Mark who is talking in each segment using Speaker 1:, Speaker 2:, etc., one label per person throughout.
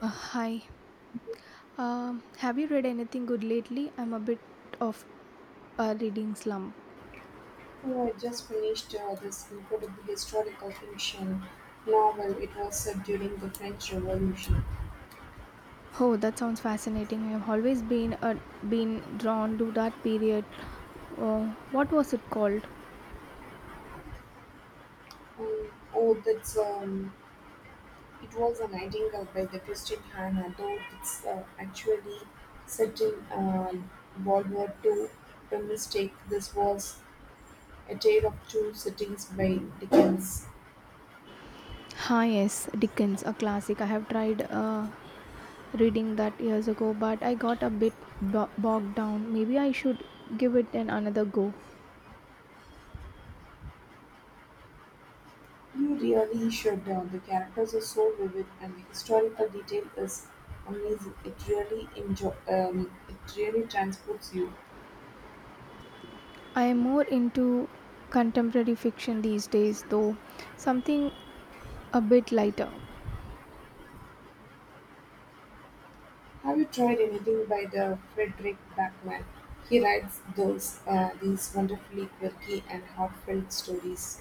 Speaker 1: Hi. Have you read anything good lately? I'm a bit of a reading slump.
Speaker 2: Oh, I just finished this incredible historical fiction novel. It was set during the French Revolution.
Speaker 1: Oh, that sounds fascinating. I've always been been drawn to that period. What was it called?
Speaker 2: Oh, that's it was a Nightingale by the Christian Hannah, though it's actually set in World War Two. The mistake. This was a tale of two cities by Dickens.
Speaker 1: Ah, yes, Dickens, a classic. I have tried reading that years ago, but I got a bit bogged down. Maybe I should give it an another go.
Speaker 2: You really should. The characters are so vivid, and the historical detail is amazing. It really enjoy. It really transports you.
Speaker 1: I am more into contemporary fiction these days, though something a bit lighter.
Speaker 2: Have you tried anything by the Frederick Backman? He writes those these wonderfully quirky and heartfelt stories.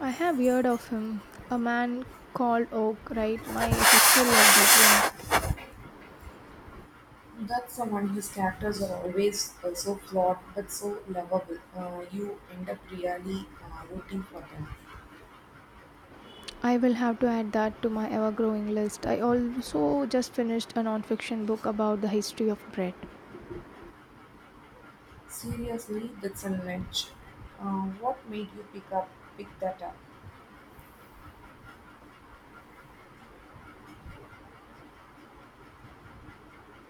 Speaker 1: I have heard of him. A man called Oak, right? My sister loved that one.
Speaker 2: That's someone whose characters are always so flawed but so lovable. You end up really rooting for them.
Speaker 1: I will have to add that to my ever growing list. I also just finished a non fiction book about the history of bread.
Speaker 2: Seriously, that's a nudge. What made you pick that up?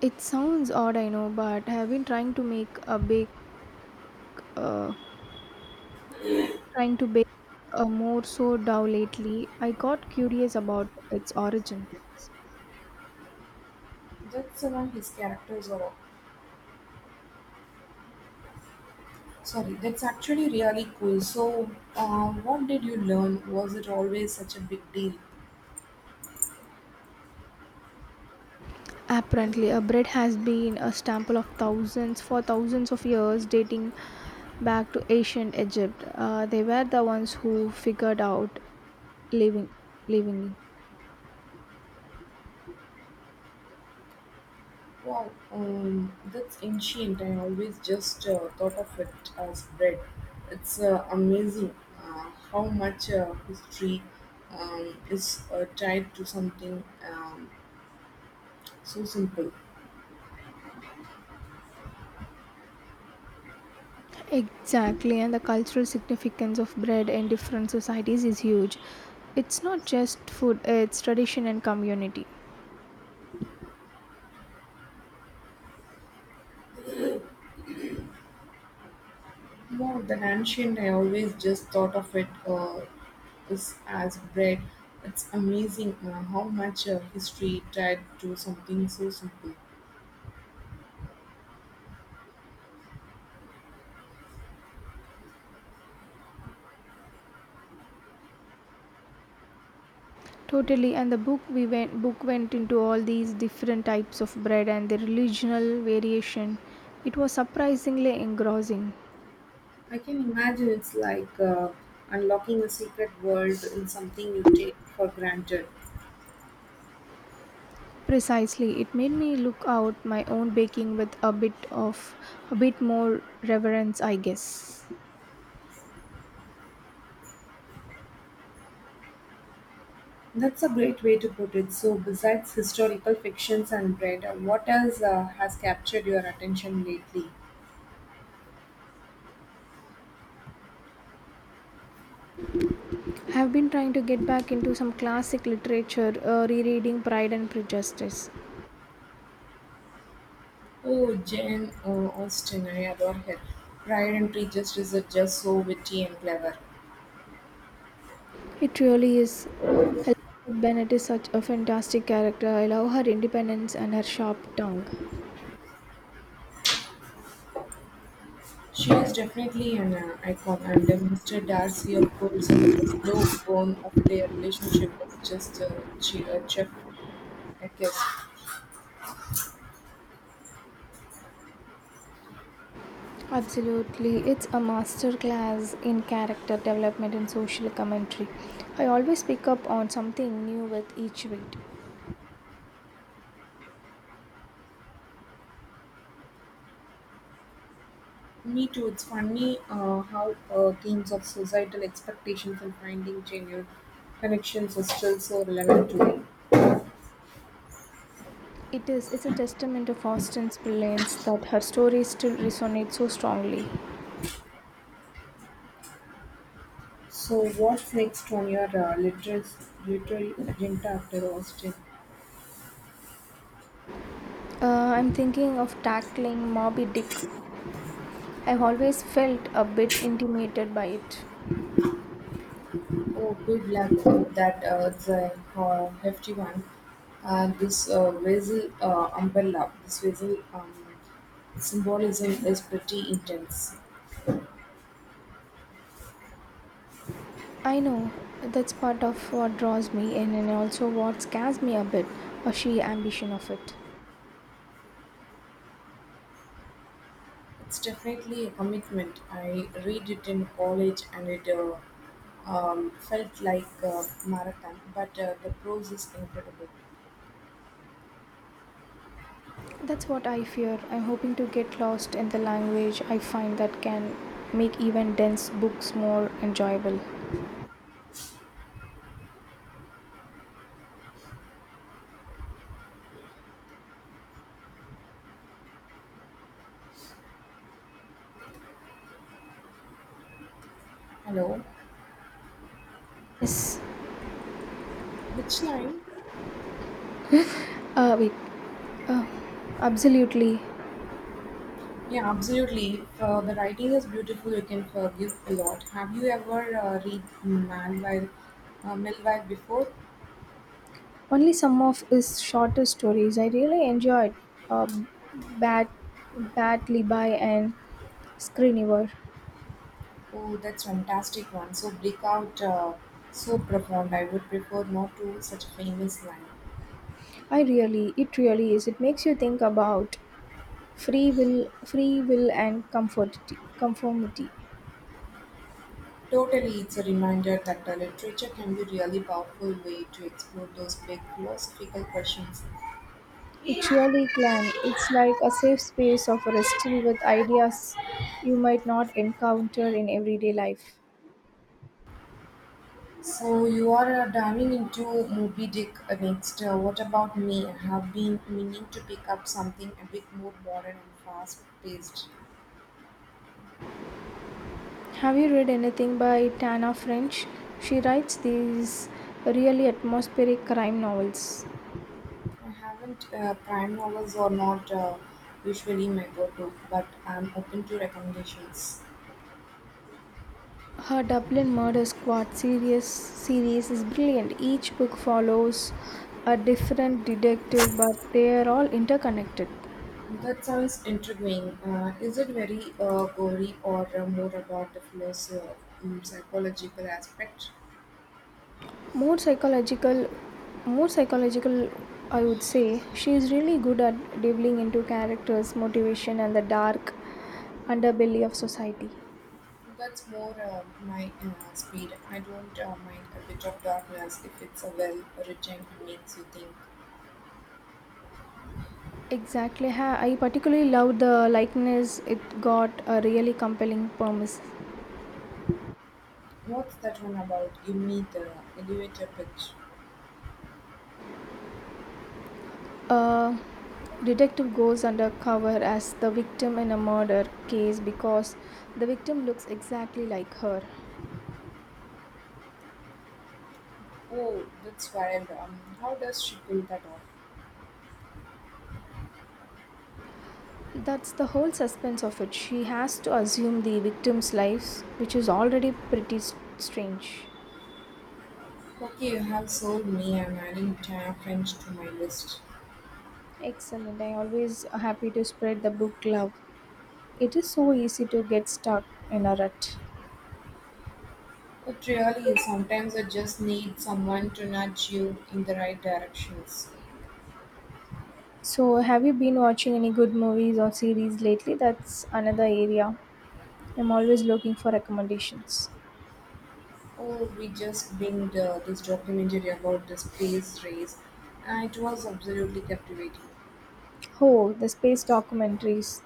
Speaker 1: It sounds odd, I know, but I have been trying to uh, trying to bake a more so dough lately. I got curious about its origins.
Speaker 2: That's someone his characters are. Sorry, that's actually really cool. So, what did you learn? Was it always such a big deal?
Speaker 1: Apparently, a bread has been a staple of thousands of years, dating back to ancient Egypt. They were the ones who figured out living, living. In
Speaker 2: Wow, that's ancient. I always just thought of it as bread. It's amazing how much history is tied to something um, so simple.
Speaker 1: Exactly, and the cultural significance of bread in different societies is huge. It's not just food; it's tradition and community.
Speaker 2: More than ancient, I always just thought of it is as bread. It's amazing how much history tied to something so simple.
Speaker 1: Totally, and the book we went book went into all these different types of bread and their regional variation. It was surprisingly engrossing.
Speaker 2: I can imagine it's like unlocking a secret world in something you take for granted.
Speaker 1: Precisely, it made me look out my own baking with a bit more reverence, I guess.
Speaker 2: That's a great way to put it. So, besides historical fictions and bread, what else has captured your attention lately?
Speaker 1: I've been trying to get back into some classic literature, rereading Pride and Prejudice.
Speaker 2: Oh, Jane Austen, I adore her. Pride and Prejudice is just so witty and clever.
Speaker 1: It really is. Elizabeth Bennet is such a fantastic character. I love her independence and her sharp tongue.
Speaker 2: She is definitely an icon, and Mr. Darcy, of course, the slow burn of their relationship was just chef kiss.
Speaker 1: Absolutely, it's a masterclass in character development and social commentary. I always pick up on something new with each read.
Speaker 2: Me too. It's funny how themes of societal expectations and finding genuine connections are still so relevant today.
Speaker 1: It is. It's a testament of Austen's brilliance that her story still resonates so strongly.
Speaker 2: So, what's next on your literary agenda after Austin?
Speaker 1: I'm thinking of tackling Moby Dick. I've always felt a bit intimidated by it.
Speaker 2: Oh, good luck with that. It's a hefty one. This vessel symbolism is pretty intense.
Speaker 1: I know that's part of what draws me in, and also what scares me a bit, a sheer ambition of it.
Speaker 2: It's definitely a commitment. I read it in college and it felt like a marathon, but the prose is incredible.
Speaker 1: That's what I fear. I'm hoping to get lost in the language. I find that can make even dense books more enjoyable.
Speaker 2: Hello,
Speaker 1: Yes.
Speaker 2: which line?
Speaker 1: Wait. Absolutely.
Speaker 2: Yeah, absolutely. The writing is beautiful. You can forgive a lot. Have you ever read Millwile before?
Speaker 1: Only some of his shorter stories I really enjoyed uh, Bat, Bat Libby and Screeniver.
Speaker 2: Oh, that's fantastic one. So breakout, so profound. I would prefer not to such a famous line.
Speaker 1: It really is. It makes you think about free will and conformity.
Speaker 2: Totally, it's a reminder that the literature can be really powerful way to explore those big philosophical questions.
Speaker 1: It really can. It's like a safe space of wrestling with ideas you might not encounter in everyday life.
Speaker 2: So you are diving into Moby Dick next. What about me? I have been meaning to pick up something a bit more modern and fast-paced.
Speaker 1: Have you read anything by Tana French? She writes these really atmospheric crime novels.
Speaker 2: I haven't prime novels are not usually my go-to, but I'm open to recommendations.
Speaker 1: Her Dublin Murder Squad series series is brilliant. Each book follows a different detective, but they are all interconnected.
Speaker 2: That sounds intriguing. Is it very gory or more about the psychological aspect?
Speaker 1: More psychological, More psychological, I would say. She is really good at delving into characters, motivation, and the dark underbelly of society.
Speaker 2: That's more my speed. I don't mind a bit of darkness if it's a well written and makes you think.
Speaker 1: Exactly. I particularly loved the likeness, it got a really compelling promise.
Speaker 2: What's that one about? Give me the elevator pitch.
Speaker 1: A detective goes undercover as the victim in a murder case because the victim looks exactly like her.
Speaker 2: Oh, that's wild. How does she pull that off?
Speaker 1: That's the whole suspense of it. She has to assume the victim's lives, which is already pretty strange.
Speaker 2: Okay, you have sold me I'm adding French to my list.
Speaker 1: Excellent. I always happy to spread the book love. It is so easy to get stuck in a rut.
Speaker 2: It really is. Sometimes I just need someone to nudge you in the right directions.
Speaker 1: So, have you been watching any good movies or series lately? That's another area. I'm always looking for recommendations.
Speaker 2: Oh, we just binged this documentary about the space race, and it was absolutely captivating.
Speaker 1: Oh, the space documentaries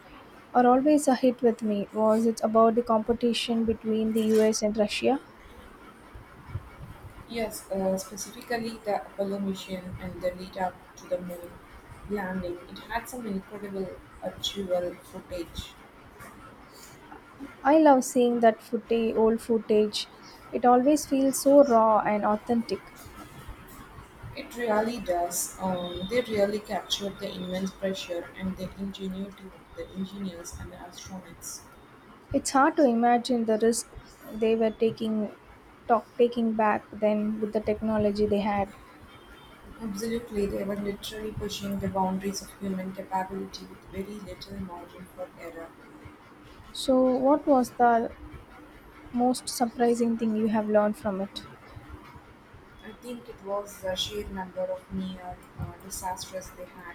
Speaker 1: are always a hit with me. Was it about the competition between the US and Russia?
Speaker 2: Yes, specifically the Apollo mission and the lead up to the moon landing. It had some incredible actual footage.
Speaker 1: I love seeing old footage. It always feels so raw and authentic.
Speaker 2: It really does. They really captured the immense pressure and the ingenuity of the engineers and the astronauts.
Speaker 1: It's hard to imagine the risk they were taking back then with the technology they had.
Speaker 2: Absolutely, they were literally pushing the boundaries of human capability with very little margin for error.
Speaker 1: So, what was the most surprising thing you have learned from it?
Speaker 2: I think it was the sheer number of near disasters they had.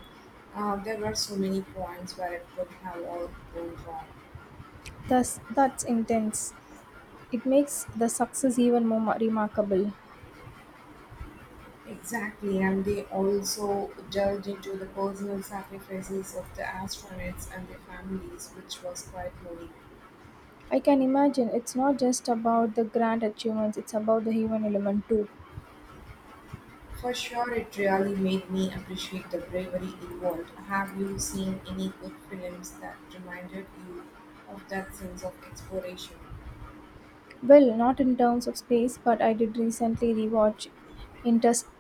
Speaker 2: There were so many points where it could have all gone wrong.
Speaker 1: Thus, that's intense. It makes the success even more remarkable.
Speaker 2: Exactly, and they also delved into the personal sacrifices of the astronauts and their families, which was quite moving.
Speaker 1: I can imagine it's not just about the grand achievements, it's about the human element too.
Speaker 2: For sure it really made me appreciate the bravery involved. Have you seen any good films that reminded you of that sense of exploration?
Speaker 1: Well, not in terms of space, but I did recently rewatch Interstellar.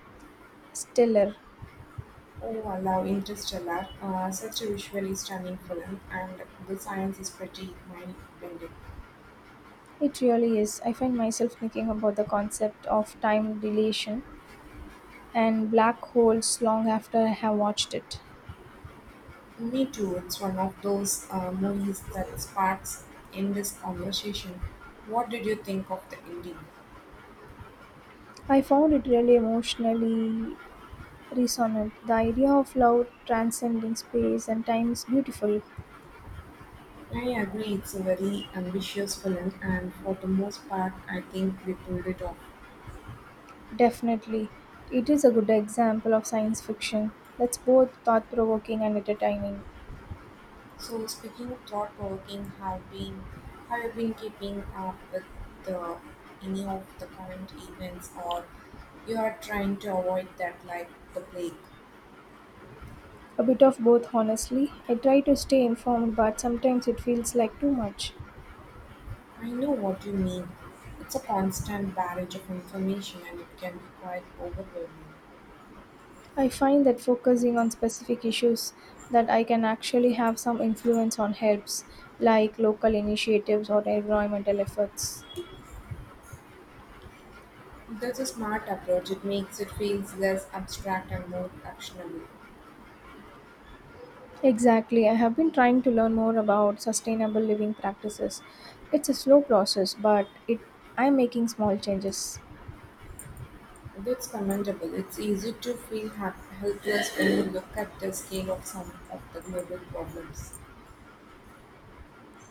Speaker 2: Oh, I love Interstellar. Such a visually stunning film, and the science is pretty mind bending.
Speaker 1: It really is. I find myself thinking about the concept of time dilation and black holes long after I have watched it.
Speaker 2: Me too. It's one of those movies that sparks endless conversation. What did you think of the ending?
Speaker 1: I found it really emotionally resonant. The idea of love transcending space and time is beautiful.
Speaker 2: I agree, it's a very ambitious film, and for the most part, I think we pulled it off.
Speaker 1: Definitely. It is a good example of science fiction that's both thought provoking and entertaining.
Speaker 2: So speaking of thought provoking, have you been keeping up with the any of the current events or you are trying to avoid that like the plague?
Speaker 1: A bit of both, honestly. I try to stay informed, but sometimes it feels like too much.
Speaker 2: I know what you mean. It's a constant barrage of information and it can be quite overwhelming.
Speaker 1: I find that focusing on specific issues that I can actually have some influence on helps, like local initiatives or environmental efforts.
Speaker 2: That's a smart approach. It makes it feels less abstract and more actionable.
Speaker 1: Exactly. I have been trying to learn more about sustainable living practices. It's a slow process, but it I'm making small changes.
Speaker 2: That's commendable. It's easy to feel helpless when you look at the scale of some of the global problems.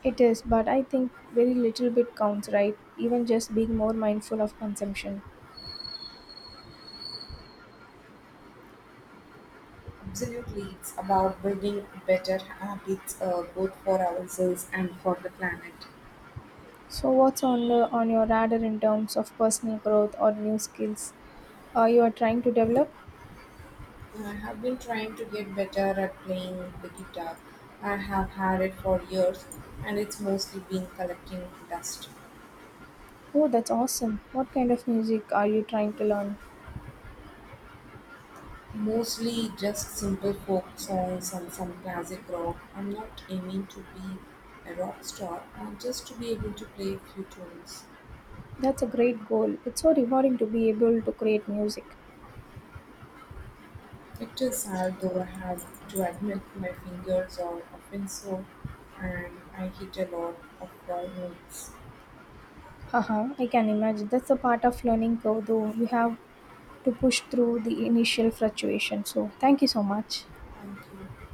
Speaker 1: It is, but I think very little bit counts, right? Even just being more mindful of consumption.
Speaker 2: Absolutely, it's about building better habits both for ourselves and for the planet.
Speaker 1: So, what's on on your radar in terms of personal growth or new skills you are trying to develop?
Speaker 2: I have been trying to get better at playing the guitar. I have had it for years and it's mostly been collecting dust.
Speaker 1: Oh, that's awesome! What kind of music are you trying to learn?
Speaker 2: Mostly just simple folk songs and some classic rock. I'm not aiming to be a rock star, I just to be able to play a few tunes.
Speaker 1: That's a great goal. It's so rewarding to be able to create music.
Speaker 2: It is hard though I have to admit my fingers are often sore and I hit a lot of wall notes.
Speaker 1: Haha, I can imagine. That's a part of learning curve, though. You have to push through the initial fluctuation. So, thank you so much.
Speaker 2: Thank you.